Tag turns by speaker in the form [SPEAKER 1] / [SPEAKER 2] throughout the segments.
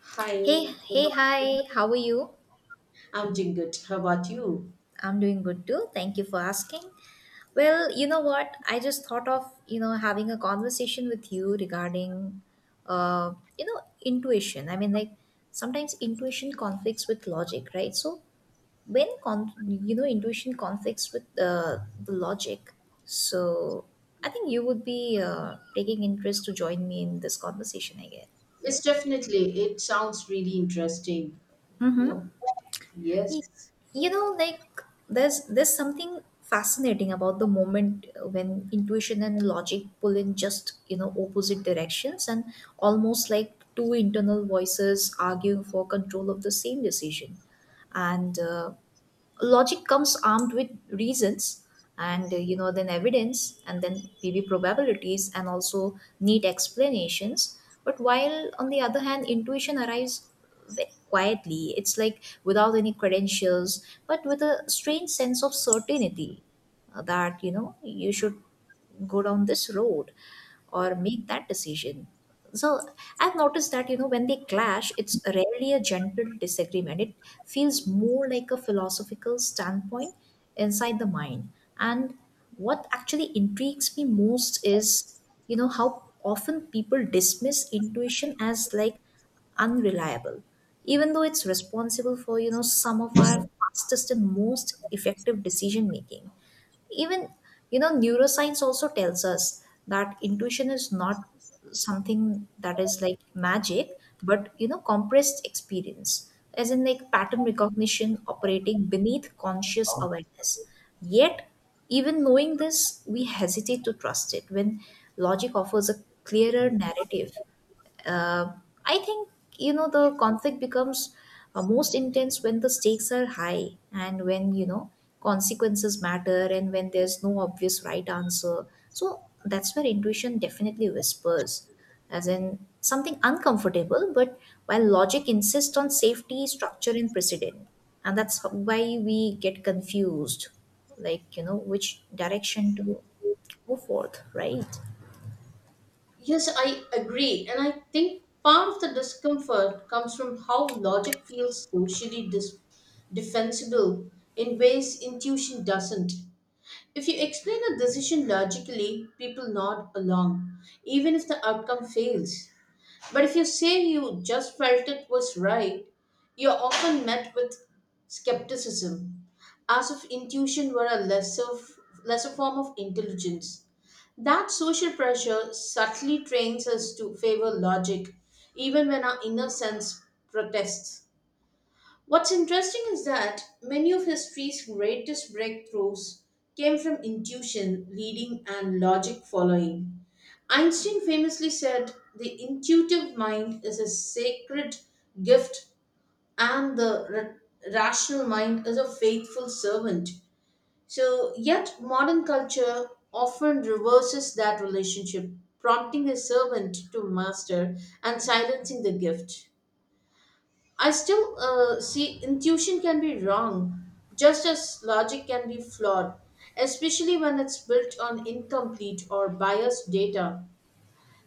[SPEAKER 1] Hi,
[SPEAKER 2] Hey,
[SPEAKER 1] good
[SPEAKER 2] hey,
[SPEAKER 1] morning.
[SPEAKER 2] hi, how are you?
[SPEAKER 1] I'm doing good. How about you?
[SPEAKER 2] I'm doing good too. Thank you for asking. Well, you know what? I just thought of, having a conversation with you regarding, uh, intuition. Like sometimes intuition conflicts with logic, right? So when, con- you know, intuition conflicts with the logic, so I think you would be taking interest to join me in this conversation, I guess,
[SPEAKER 1] Yes,
[SPEAKER 2] right?
[SPEAKER 1] definitely. It sounds really interesting. You
[SPEAKER 2] Mm-hmm.
[SPEAKER 1] know,
[SPEAKER 2] Y-
[SPEAKER 1] yes.
[SPEAKER 2] like, there's something fascinating about the moment when intuition and logic pull in, just you know opposite directions, and almost like two internal voices arguing for control of the same decision. And Logic comes armed with reasons and then evidence and then maybe probabilities and also neat explanations. But while on the other hand, intuition arrives very quietly. It's like, without any credentials but with a strange sense of certainty, that you should go down this road or make that decision. So I've noticed that, when they clash, it's rarely a gentle disagreement. It feels more like a philosophical standpoint inside the mind. And what actually intrigues me most is, how often people dismiss intuition as, like, unreliable, even though it's responsible for, some of our fastest and most effective decision making. Even, neuroscience also tells us that intuition is not something that is like magic, but, compressed experience, as in like pattern recognition operating beneath conscious awareness. Yet even knowing this, we hesitate to trust it when logic offers a clearer narrative. uh, I think, the conflict becomes most intense when the stakes are high and when, consequences matter, and when there's no obvious right answer. So that's where intuition definitely whispers, as in something uncomfortable, but while logic insists on safety, structure, and precedent. And that's how- why we get confused, like, which direction to go forth, right?
[SPEAKER 1] Yes, I agree. And I think part of the discomfort comes from how logic feels socially defensible in ways intuition doesn't. If you explain a decision logically, people nod along, even if the outcome fails. But if you say you just felt it was right, you're often met with skepticism, as if intuition were a lesser form of intelligence. That social pressure subtly trains us to favor logic, even when our inner sense protests. What's interesting is that many of history's greatest breakthroughs came from intuition leading and logic following. Einstein famously said, "The intuitive mind is a sacred gift, and the rational mind is a faithful servant." So, yet, modern culture often reverses that relationship, prompting a servant to master and silencing the gift. I still see intuition can be wrong, just as logic can be flawed, especially when it's built on incomplete or biased data.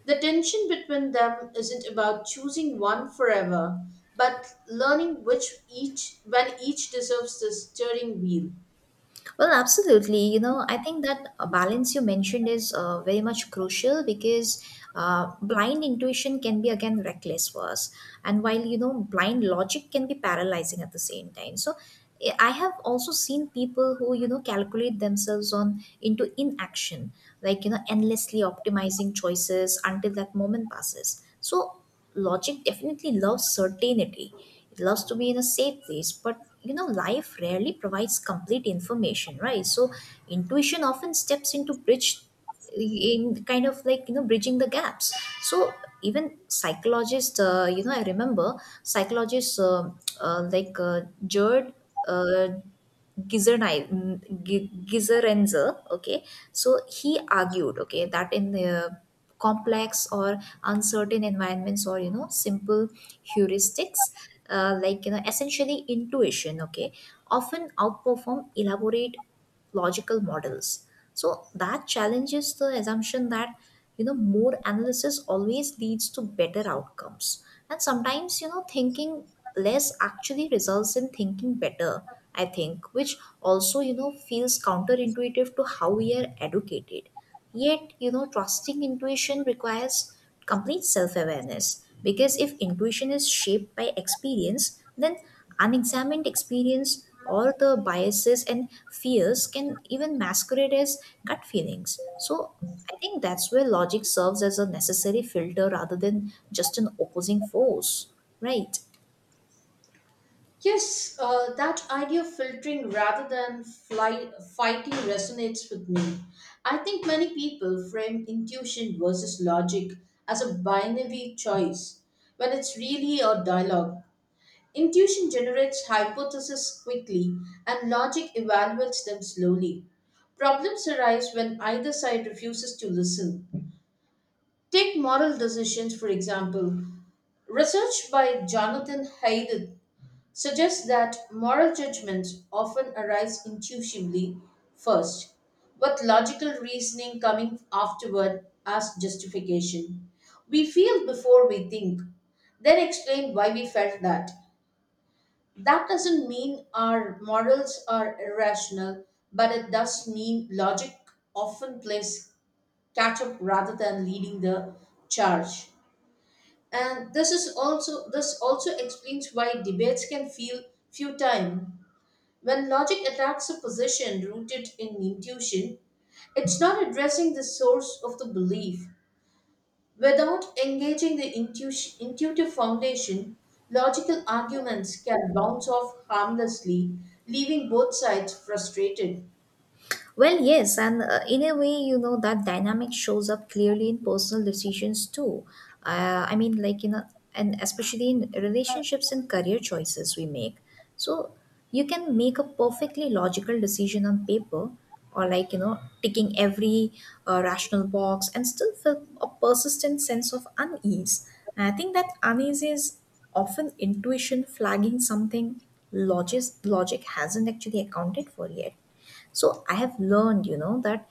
[SPEAKER 1] The tension between them isn't about choosing one forever, but learning which each when each deserves the steering wheel.
[SPEAKER 2] Well, absolutely. You know, I think that balance you mentioned is very much crucial, because blind intuition can be, again, reckless for us, and while, blind logic can be paralyzing at the same time. So, I have also seen people who, calculate themselves on into inaction, like, endlessly optimizing choices until that moment passes. So, logic definitely loves certainty. It loves to be in a safe place, but, you know, life rarely provides complete information, right? So intuition often steps into bridge, in kind of like, bridging the gaps. So even psychologists, I remember psychologists, uh, like uh, Jared, uh, Gizerenzer, okay, so he argued, okay, that in the complex or uncertain environments, or, simple heuristics, like, essentially intuition, okay, often outperform elaborate logical models. So that challenges the assumption that, more analysis always leads to better outcomes, and sometimes, thinking less actually results in thinking better. I think, which also, feels counterintuitive to how we are educated. Yet, trusting intuition requires complete self awareness, because if intuition is shaped by experience, then unexamined experience or the biases and fears can even masquerade as gut feelings. So I think that's where logic serves as a necessary filter rather than just an opposing force, right?
[SPEAKER 1] Yes, that idea of filtering rather than fighting resonates with me. I think many people frame intuition versus logic as a binary choice when it's really a dialogue. Intuition generates hypotheses quickly and logic evaluates them slowly. Problems arise when either side refuses to listen. Take moral decisions, for example. Research by Jonathan Haidt suggests that moral judgments often arise intuitively first, with logical reasoning coming afterward as justification. We feel before we think, then explain why we felt that. That doesn't mean our morals are irrational, but it does mean logic often plays catch up rather than leading the charge. And this also explains why debates can feel futile when logic attacks a position rooted in intuition, it's not addressing the source of the belief. Without engaging the intuitive foundation, logical arguments can bounce off harmlessly, leaving both sides frustrated.
[SPEAKER 2] Well, yes, and in a way, you know, that dynamic shows up clearly in personal decisions too. Uh, I mean, like, you know, and especially in relationships and career choices we make. So you can make a perfectly logical decision on paper, or, like, ticking every rational box and still feel a persistent sense of unease. And I think that unease is often intuition flagging something logic hasn't actually accounted for yet. So I have learned, that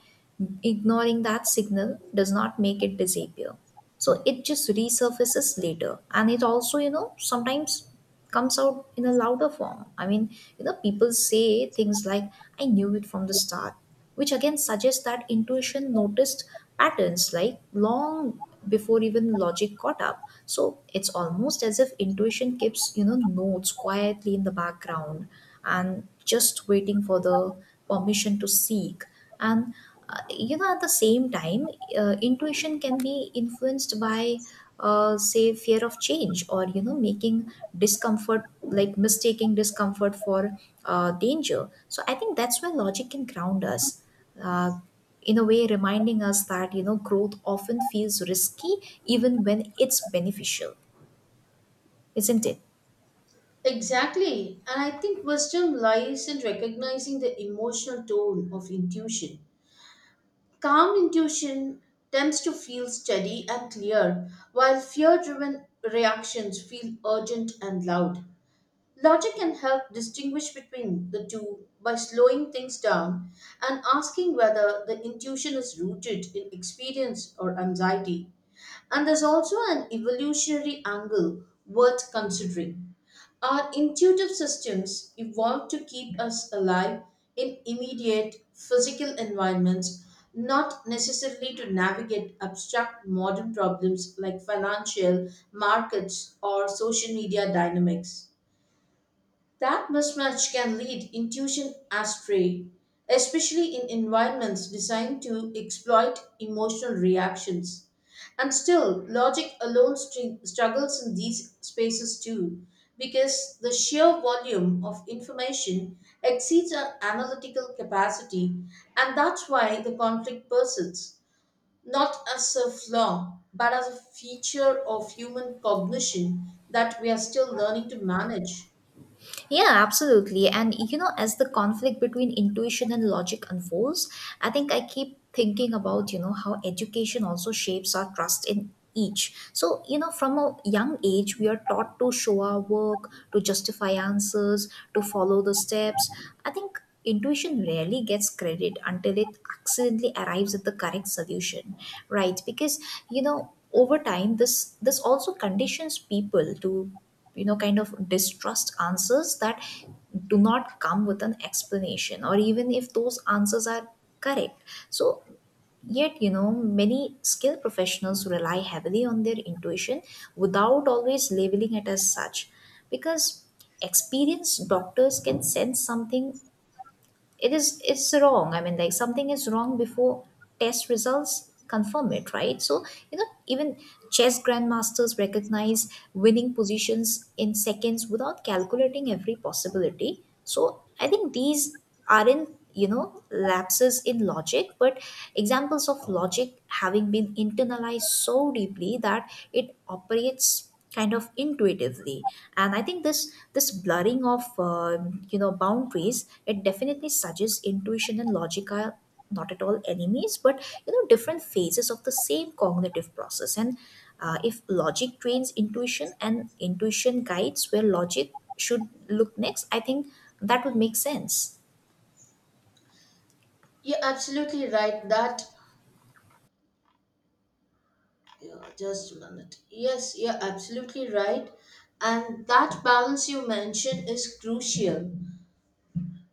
[SPEAKER 2] ignoring that signal does not make it disappear. So it just resurfaces later. And it also, sometimes comes out in a louder form. I mean, people say things like, "I knew it from the start," which again suggests that intuition noticed patterns like long before even logic caught up. So it's almost as if intuition keeps, notes quietly in the background and just waiting for the permission to seek. And at the same time, intuition can be influenced by, say, fear of change, or, making discomfort, like mistaking discomfort for danger. So I think that's where logic can ground us, uh, in a way, reminding us that, growth often feels risky even when it's beneficial, isn't it?
[SPEAKER 1] Exactly, and I think wisdom lies in recognizing the emotional toll of intuition. Calm intuition tends to feel steady and clear, while fear driven reactions feel urgent and loud. Logic can help distinguish between the two by slowing things down and asking whether the intuition is rooted in experience or anxiety. And there's also an evolutionary angle worth considering. Our intuitive systems evolved to keep us alive in immediate physical environments, not necessarily to navigate abstract modern problems like financial, markets, or social media dynamics. That mismatch can lead intuition astray, especially in environments designed to exploit emotional reactions. And still, logic alone struggles in these spaces too, because the sheer volume of information exceeds our analytical capacity, and that's why the conflict persists, not as a flaw, but as a feature of human cognition that we are still learning to manage.
[SPEAKER 2] Yeah, absolutely. And you know, as the conflict between intuition and logic unfolds, I think I keep thinking about, how education also shapes our trust in each. So, you know, from a young age, we are taught to show our work, to justify answers, to follow the steps. I think intuition rarely gets credit until it accidentally arrives at the correct solution, right? Because, over time, this also conditions people to, kind of distrust answers that do not come with an explanation, or even if those answers are correct. So yet, many skilled professionals rely heavily on their intuition without always labeling it as such, because experienced doctors can sense something it's wrong. I mean, like, something is wrong before test results confirm it, right? So, even chess grandmasters recognize winning positions in seconds without calculating every possibility. So I think these aren't, lapses in logic, but examples of logic having been internalized so deeply that it operates kind of intuitively. And I think this blurring of boundaries, it definitely suggests intuition and logic are not at all enemies, but, different phases of the same cognitive process. And if logic trains intuition and intuition guides where logic should look next, I think that would make sense.
[SPEAKER 1] You're absolutely right. That, yeah, just a minute. Yes, you're absolutely right. And that balance you mentioned is crucial.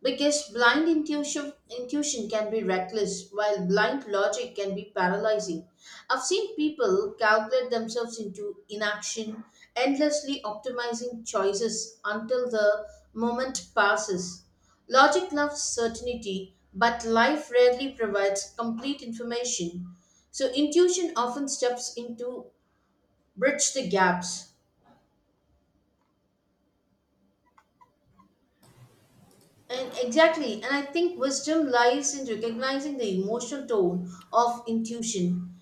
[SPEAKER 1] Because blind intuition can be reckless, while blind logic can be paralyzing. I've seen people calculate themselves into inaction, endlessly optimizing choices until the moment passes. Logic loves certainty, but life rarely provides complete information. So intuition often steps in to bridge the gaps. And exactly, and I think wisdom lies in recognizing the emotional tone of intuition.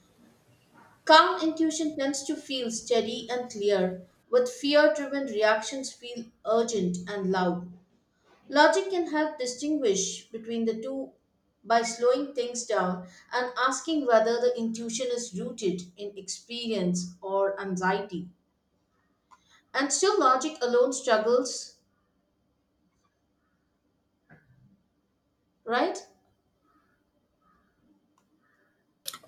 [SPEAKER 1] Calm intuition tends to feel steady and clear, but fear driven reactions feel urgent and loud. Logic can help distinguish between the two by slowing things down and asking whether the intuition is rooted in experience or anxiety. And still, logic alone struggles, right?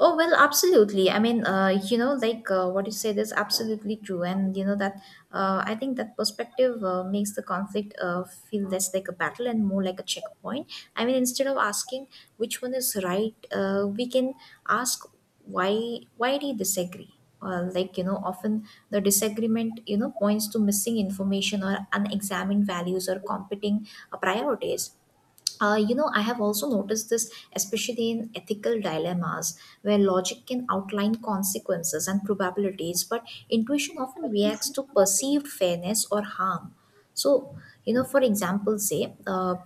[SPEAKER 2] Oh, well, absolutely. I mean, what you said is absolutely true. And, you know, that I think that perspective makes the conflict feel less like a battle and more like a checkpoint. I mean, instead of asking which one is right, we can ask why. Why do you disagree? Like, often the disagreement, points to missing information or unexamined values or competing priorities. You know, I have also noticed this, especially in ethical dilemmas where logic can outline consequences and probabilities, but intuition often reacts to perceived fairness or harm. So, for example, say,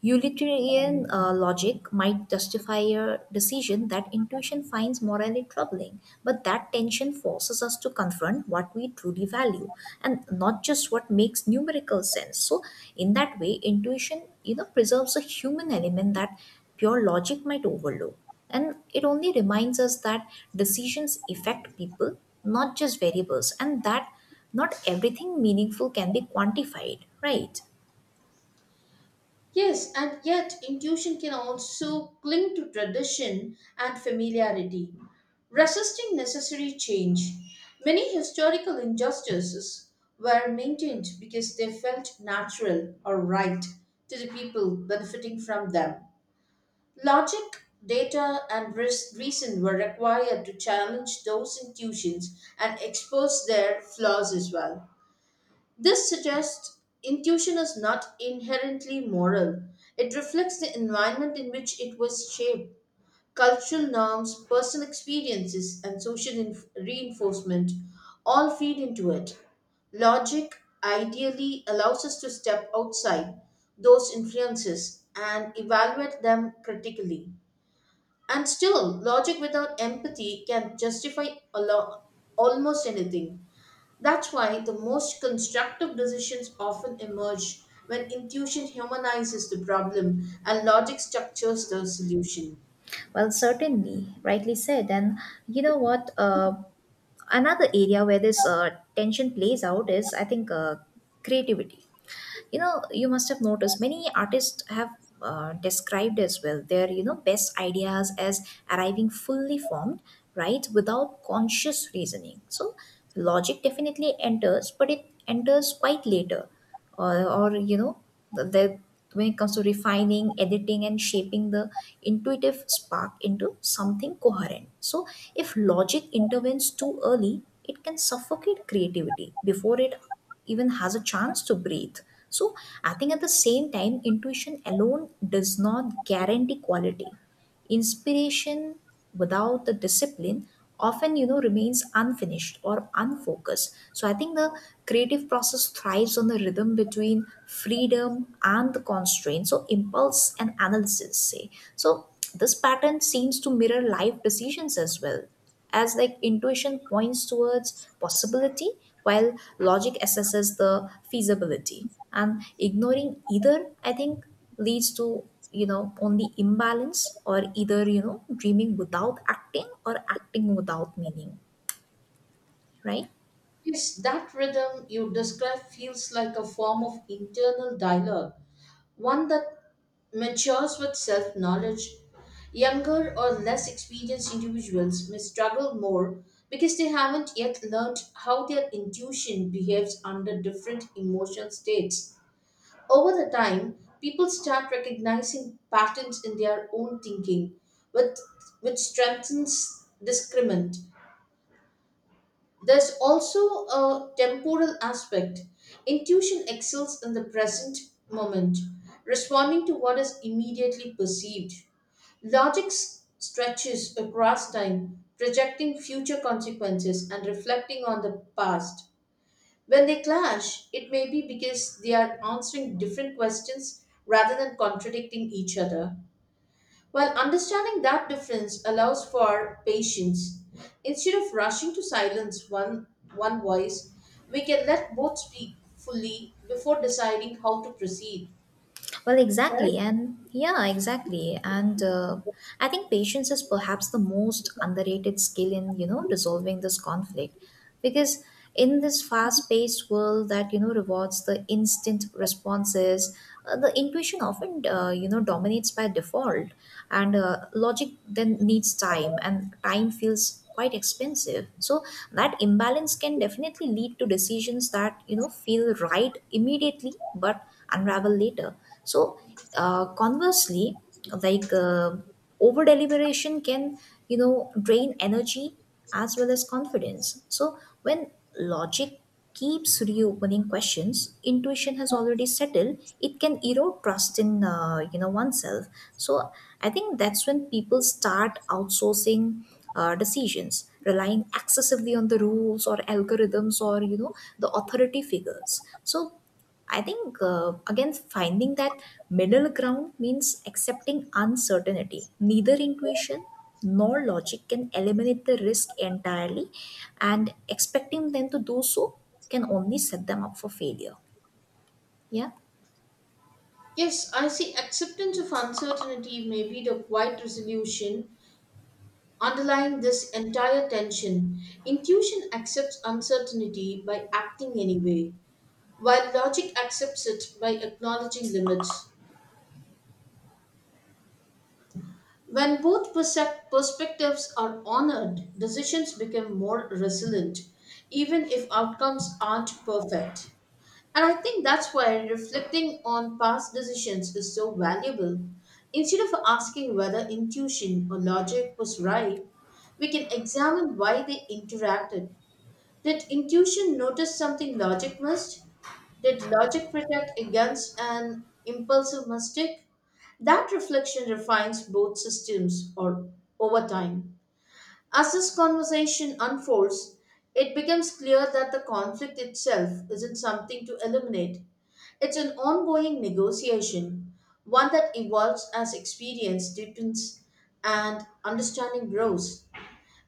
[SPEAKER 2] utilitarian logic might justify a decision that intuition finds morally troubling, but that tension forces us to confront what we truly value and not just what makes numerical sense. So, in that way, intuition, preserves a human element that pure logic might overlook, and it only reminds us that decisions affect people, not just variables, and that not everything meaningful can be quantified, right?
[SPEAKER 1] Yes, and yet intuition can also cling to tradition and familiarity, resisting necessary change. Many historical injustices were maintained because they felt natural or right to the people benefiting from them. Logic, data, and reason were required to challenge those intuitions and expose their flaws as well. This suggests intuition is not inherently moral. It reflects the environment in which it was shaped, cultural norms, personal experiences, and social reinforcement all feed into it. Logic ideally allows us to step outside those influences and evaluate them critically. And still, logic without empathy can justify a lo- almost anything. That's why the most constructive decisions often emerge when intuition humanizes the problem and logic structures the solution.
[SPEAKER 2] Well, certainly, rightly said. And you know what? Another area where this tension plays out is, I think, creativity. You know, you must have noticed many artists have described as well their, best ideas as arriving fully formed, right, without conscious reasoning. So logic definitely enters, but it enters quite later. Or you know the When it comes to refining, editing, and shaping the intuitive spark into something coherent, so if logic intervenes too early, it can suffocate creativity before it even has a chance to breathe. So, I think at the same time, intuition alone does not guarantee quality. Inspiration without the discipline often, remains unfinished or unfocused. So I think the creative process thrives on the rhythm between freedom and the constraint, so impulse and analysis, say. So this pattern seems to mirror life decisions as well, as like intuition points towards possibility while logic assesses the feasibility. And ignoring either, I think, leads to, only imbalance, or either, dreaming without acting or acting without meaning, right?
[SPEAKER 1] Yes, that rhythm you describe feels like a form of internal dialogue, one that matures with self knowledge. Younger or less experienced individuals may struggle more because they haven't yet learned how their intuition behaves under different emotional states. Over the time, people start recognizing patterns in their own thinking, which, which strengthens discernment. There's also a temporal aspect. Intuition excels in the present moment, responding to what is immediately perceived. Logic stretches across time, projecting future consequences and reflecting on the past. When they clash, it may be because they are answering different questions rather than contradicting each other. While understanding that difference allows for patience. Instead of rushing to silence one voice, we can let both speak fully before deciding how to proceed.
[SPEAKER 2] Well,
[SPEAKER 1] Right?
[SPEAKER 2] exactly. And yeah, exactly. And I think patience is perhaps the most underrated skill in, resolving this conflict. Because in this fast paced world that, rewards the instant responses, the intuition often, dominates by default. And logic then needs time, and time feels quite expensive. So that imbalance can definitely lead to decisions that, you know, feel right immediately but unravel later. So uh, conversely like uh, over deliberation can, you know, drain energy as well as confidence. So when logic keeps reopening questions intuition has already settled, it can erode trust in you know, oneself. So I think that's when people start outsourcing decisions, relying excessively on the rules or algorithms or, you know, the authority figures. So I think, again, finding that middle ground means accepting uncertainty. Neither intuition nor logic can eliminate the risk entirely, and expecting them to do so can only set them up for failure. Yeah.
[SPEAKER 1] Yes, I see acceptance of uncertainty may be the quiet resolution underlying this entire tension. Intuition accepts uncertainty by acting anyway, while logic accepts it by acknowledging limits. When both perspectives are honored, decisions become more resilient, even if outcomes aren't perfect. And I think that's why reflecting on past decisions is so valuable. Instead of asking whether intuition or logic was right, we can examine why they interacted. Did intuition notice something logic missed? Did logic protect against an impulsive mistake? That reflection refines both systems or over time. As this conversation unfolds, it becomes clear that the conflict itself isn't something to eliminate. It's an ongoing negotiation, one that evolves as experience deepens and understanding grows,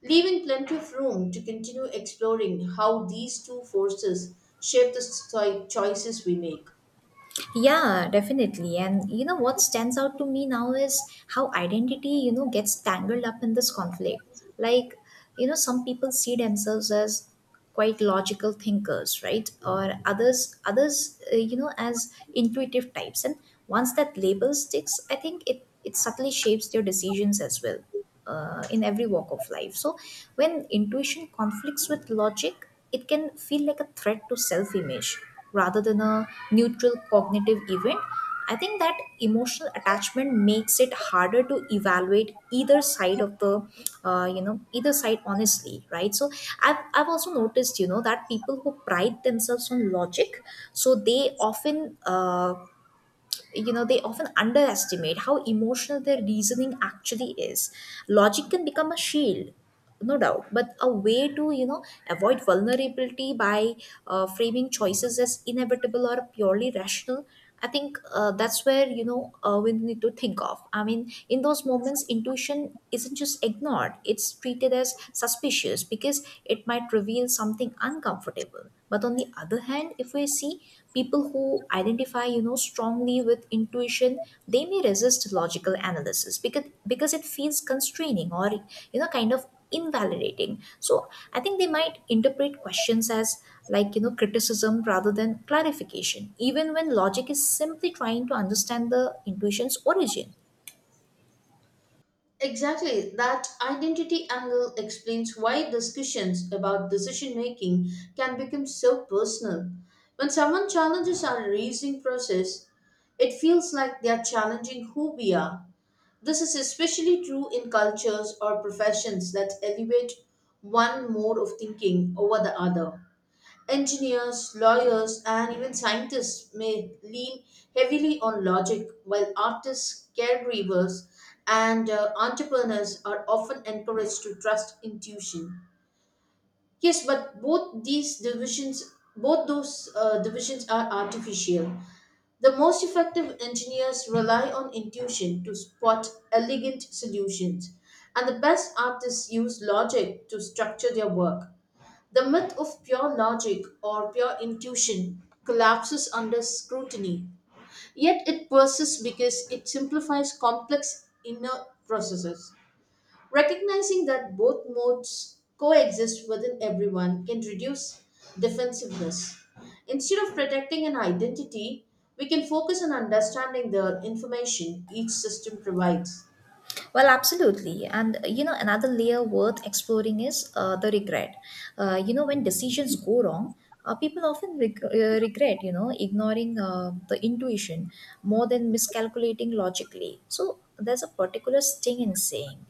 [SPEAKER 1] leaving plenty of room to continue exploring how these two forces shape the choices we make.
[SPEAKER 2] Yeah, definitely. And you know what stands out to me now is how identity, you know, gets tangled up in this conflict. Like, you know, some people see themselves as quite logical thinkers, right? Or others you know, as intuitive types. And once that label sticks, I think it subtly shapes their decisions as well, in every walk of life. So when intuition conflicts with logic, it can feel like a threat to self image rather than a neutral cognitive event. I think that emotional attachment makes it harder to evaluate either side of the, you know, either side honestly, right? So I've also noticed, you know, that people who pride themselves on logic, so they often you know they often underestimate how emotional their reasoning actually is. Logic can become a shield, no doubt, but a way to, you know, avoid vulnerability by framing choices as inevitable or purely rational. I think that's where, you know, we need to think of, I mean, in those moments intuition isn't just ignored, it's treated as suspicious because it might that reveals something uncomfortable. But on the other hand, if we see people who identify, you know, strongly with intuition, they may resist logical analysis because it feels constraining or, you know, kind of invalidating. So I think they might interpret questions as, like, you know, criticism rather than clarification, even when logic is simply trying to understand the intuition's origin.
[SPEAKER 1] Exactly, that identity angle explains why discussions about decision making can become so personal. When someone challenges our reasoning process, it feels like they are challenging who we are. This is especially true in cultures or professions that elevate one mode of thinking over the other. Engineers, lawyers, and even scientists may lean heavily on logic, while artists, caregivers, and entrepreneurs are often encouraged to trust intuition. Yes, but both those divisions are artificial. The most effective engineers rely on intuition to spot elegant solutions, and the best artists use logic to structure their work. The myth of pure logic or pure intuition collapses under scrutiny, yet it persists because it simplifies complex inner processes. Recognizing that both modes coexist within everyone can reduce defensiveness. Instead of protecting an identity, we can focus on understanding the information each system provides.
[SPEAKER 2] Well, absolutely. And you know, another layer worth exploring is the regret. You know, when decisions go wrong, people often regret, you know, ignoring the intuition more than miscalculating logically. So there's a particular sting in saying,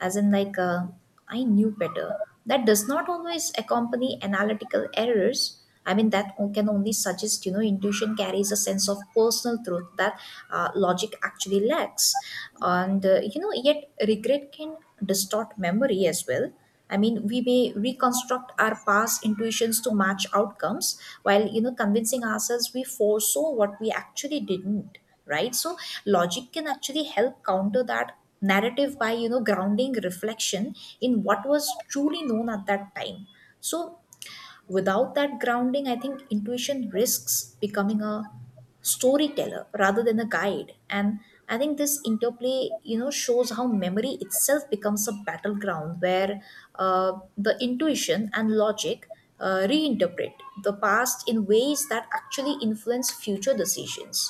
[SPEAKER 2] as in I knew better, that does not always accompany analytical errors. I mean can only suggest, you know, intuition carries a sense of personal truth that logic actually lacks. And you know, yet regret can distort memory as well. I mean, we may reconstruct our past intuitions to match outcomes while, you know, convincing ourselves we foresaw what we actually didn't, right? So logic can actually help counter that narrative by, you know, grounding reflection in what was truly known at that time. So without that grounding, I think intuition risks becoming a storyteller rather than a guide. And I think this interplay, you know, shows how memory itself becomes a battleground where the intuition and logic reinterpret the past in ways that actually influence future decisions.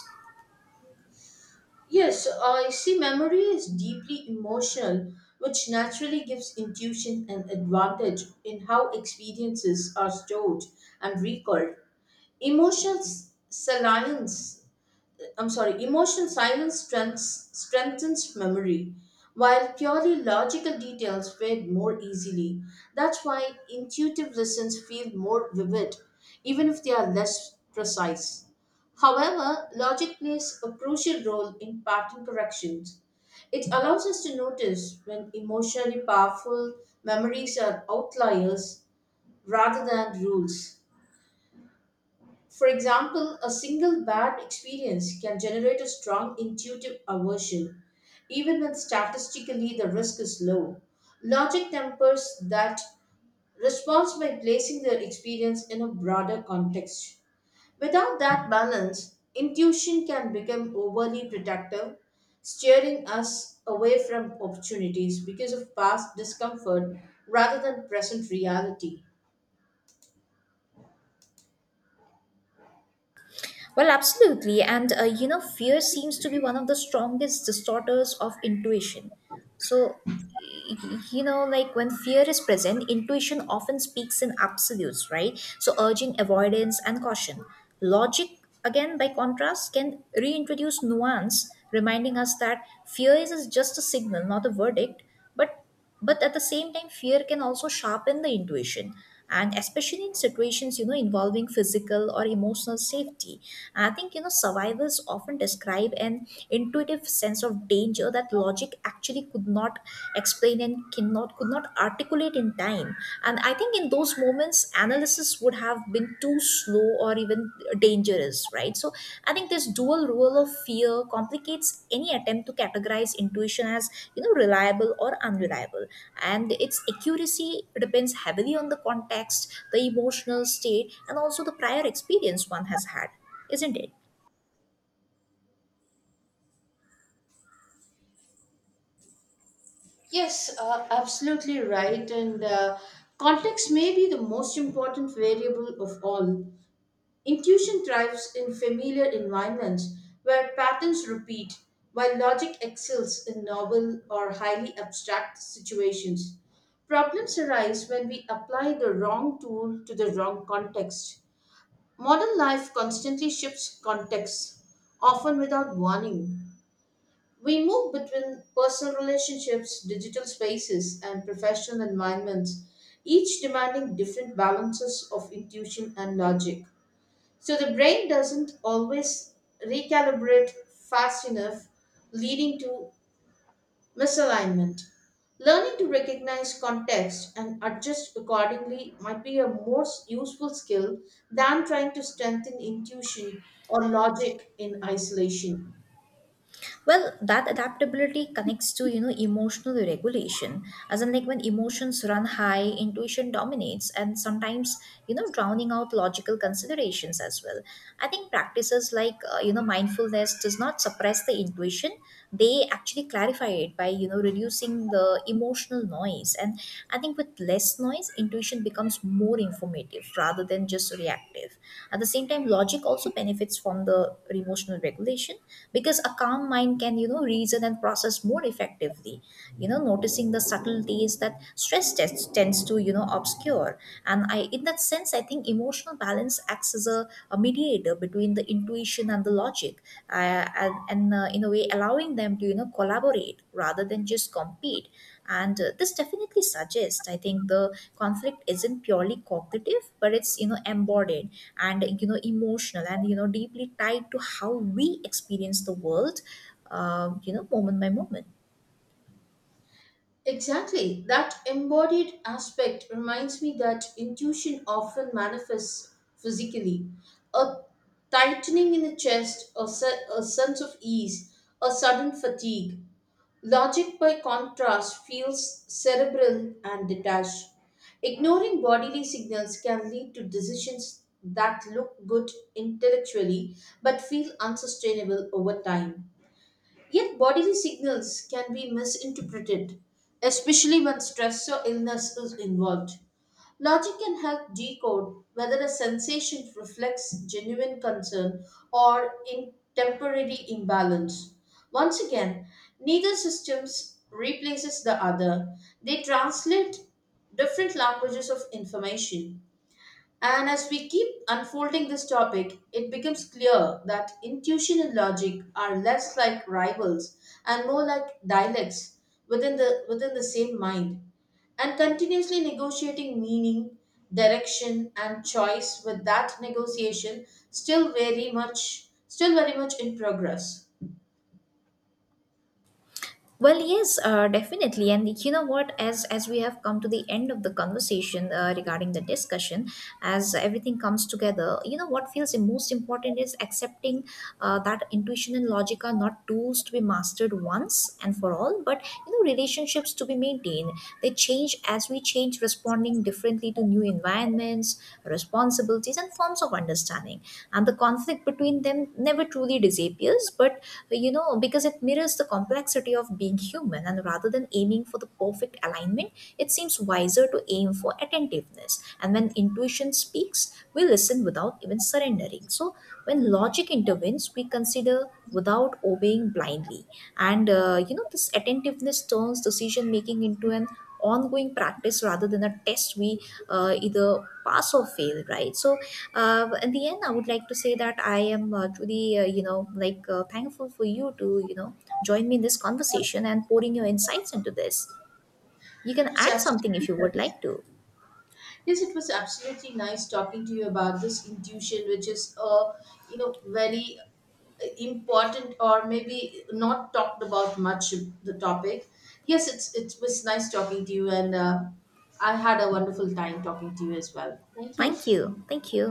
[SPEAKER 1] Yes, I see memory is deeply emotional, which naturally gives intuition an advantage in how experiences are stored and recalled. Emotions salience I'm sorry, emotional strengthens memory, while purely logical details fade more easily. That's why intuitive listens feel more vivid, even if they are less precise. However, logic plays a crucial role in pattern corrections. It allows us to notice when emotionally powerful memories are outliers rather than rules. For example, a single bad experience can generate a strong intuitive aversion, even when statistically the risk is low. Logic tempers that response by placing their experience in a broader context. Without that balance, intuition can become overly protective, steering us away from opportunities because of past discomfort rather than present reality.
[SPEAKER 2] Well, absolutely. And, you know, fear seems to be one of the strongest distorters of intuition. So, you know, like when fear is present, intuition often speaks in absolutes, right? So, urging avoidance and caution. Logic, again, by contrast, can reintroduce nuance, reminding us that fear is just a signal, not a verdict. But but but at the same time, fear can also sharpen the intuition, and especially in situations, you know, involving physical or emotional safety. And I think, you know, survivors often describe an intuitive sense of danger that logic actually could not explain and cannot could not articulate in time. And I think in those moments its analysis would have been too slow or even dangerous, right? So I think this dual role of fear complicates any attempt to categorize intuition as, you know, reliable or unreliable, and its accuracy depends heavily on the context, the emotional state, and also the prior experience one has had, isn't it?
[SPEAKER 1] Yes, absolutely right. And context may be the most important variable of all. Intuition thrives in familiar environments where patterns repeat, while logic excels in novel or highly abstract situations. Problems arise when we apply the wrong tool to the wrong context. Modern life constantly shifts contexts, often without warning. We move between personal relationships, digital spaces, and professional environments, each demanding different balances of intuition and logic. So the brain doesn't always recalibrate fast enough, leading to misalignment. Learning to recognize context and adjust accordingly might be a more useful skill than trying to strengthen intuition or logic in isolation.
[SPEAKER 2] Well, that adaptability connects to, you know, emotional regulation, as in, like, when emotions run high, intuition dominates and sometimes, you know, drowning out logical considerations as well. I think practices like, you know, mindfulness does not suppress the intuition. They actually clarify it by, you know, reducing the emotional noise. And I think with less noise, intuition becomes more informative rather than just reactive. At the same time, logic also benefits from the emotional regulation, because a calm mind can, you know, reason and process more effectively, you know, noticing the subtleties that stress test tends to, you know, obscure. And I in that sense, I think emotional balance acts as a mediator between the intuition and the logic, and in a way allowing them to, you know, collaborate rather than just compete. And this definitely suggests, I think, the conflict isn't purely cognitive, but it's, you know, embodied and, you know, emotional and, you know, deeply tied to how we experience the world, you know, moment by moment.
[SPEAKER 1] Exactly. That embodied aspect reminds me that intuition often manifests physically. A tightening in the chest, a sense of ease, a sudden fatigue. Logic, by contrast, feels cerebral and detached. Ignoring bodily signals can lead to decisions that look good intellectually but feel unsustainable over time. Yet, bodily signals can be misinterpreted, especially when stress or illness is involved. Logic can help decode whether a sensation reflects genuine concern or in temporary imbalance. Once again, neither systems replaces the other. They translate different languages of information. And as we keep unfolding this topic, it becomes clear that intuition and logic are less like rivals and more like dialects within the same mind, and continuously negotiating meaning, direction, and choice with that negotiation still very much in progress.
[SPEAKER 2] Well, yes, definitely. And you know what? As we have come to the end of the conversation regarding the discussion, as everything comes together, you know what feels most important is accepting that intuition and logic are not tools to be mastered once and for all, but, you know, relationships to be maintained. They change as we change, responding differently to new environments, responsibilities, and forms of understanding. And the conflict between them never truly disappears, but, you know, because it mirrors the complexity of being human, and rather than aiming for the perfect alignment, it seems wiser to aim for attentiveness. And when intuition speaks, we listen without even surrendering. So when logic intervenes, we consider without obeying blindly. And, you know, this attentiveness turns decision making into an ongoing practice rather than a test we either pass or fail, right? So in the end, I would like to say that I am truly, you know, thankful for you to, you know, join me in this conversation and pouring your insights into this. You can
[SPEAKER 1] It was
[SPEAKER 2] add something if
[SPEAKER 1] absolutely
[SPEAKER 2] you would
[SPEAKER 1] nice.
[SPEAKER 2] like to.
[SPEAKER 1] Yes, it was absolutely nice talking to you about this intuition, which is a you know very important or maybe not talked about much the topic. Yes, it was nice talking to you and I had a wonderful time talking to you as well. Thank you.
[SPEAKER 2] Thank you. Thank you.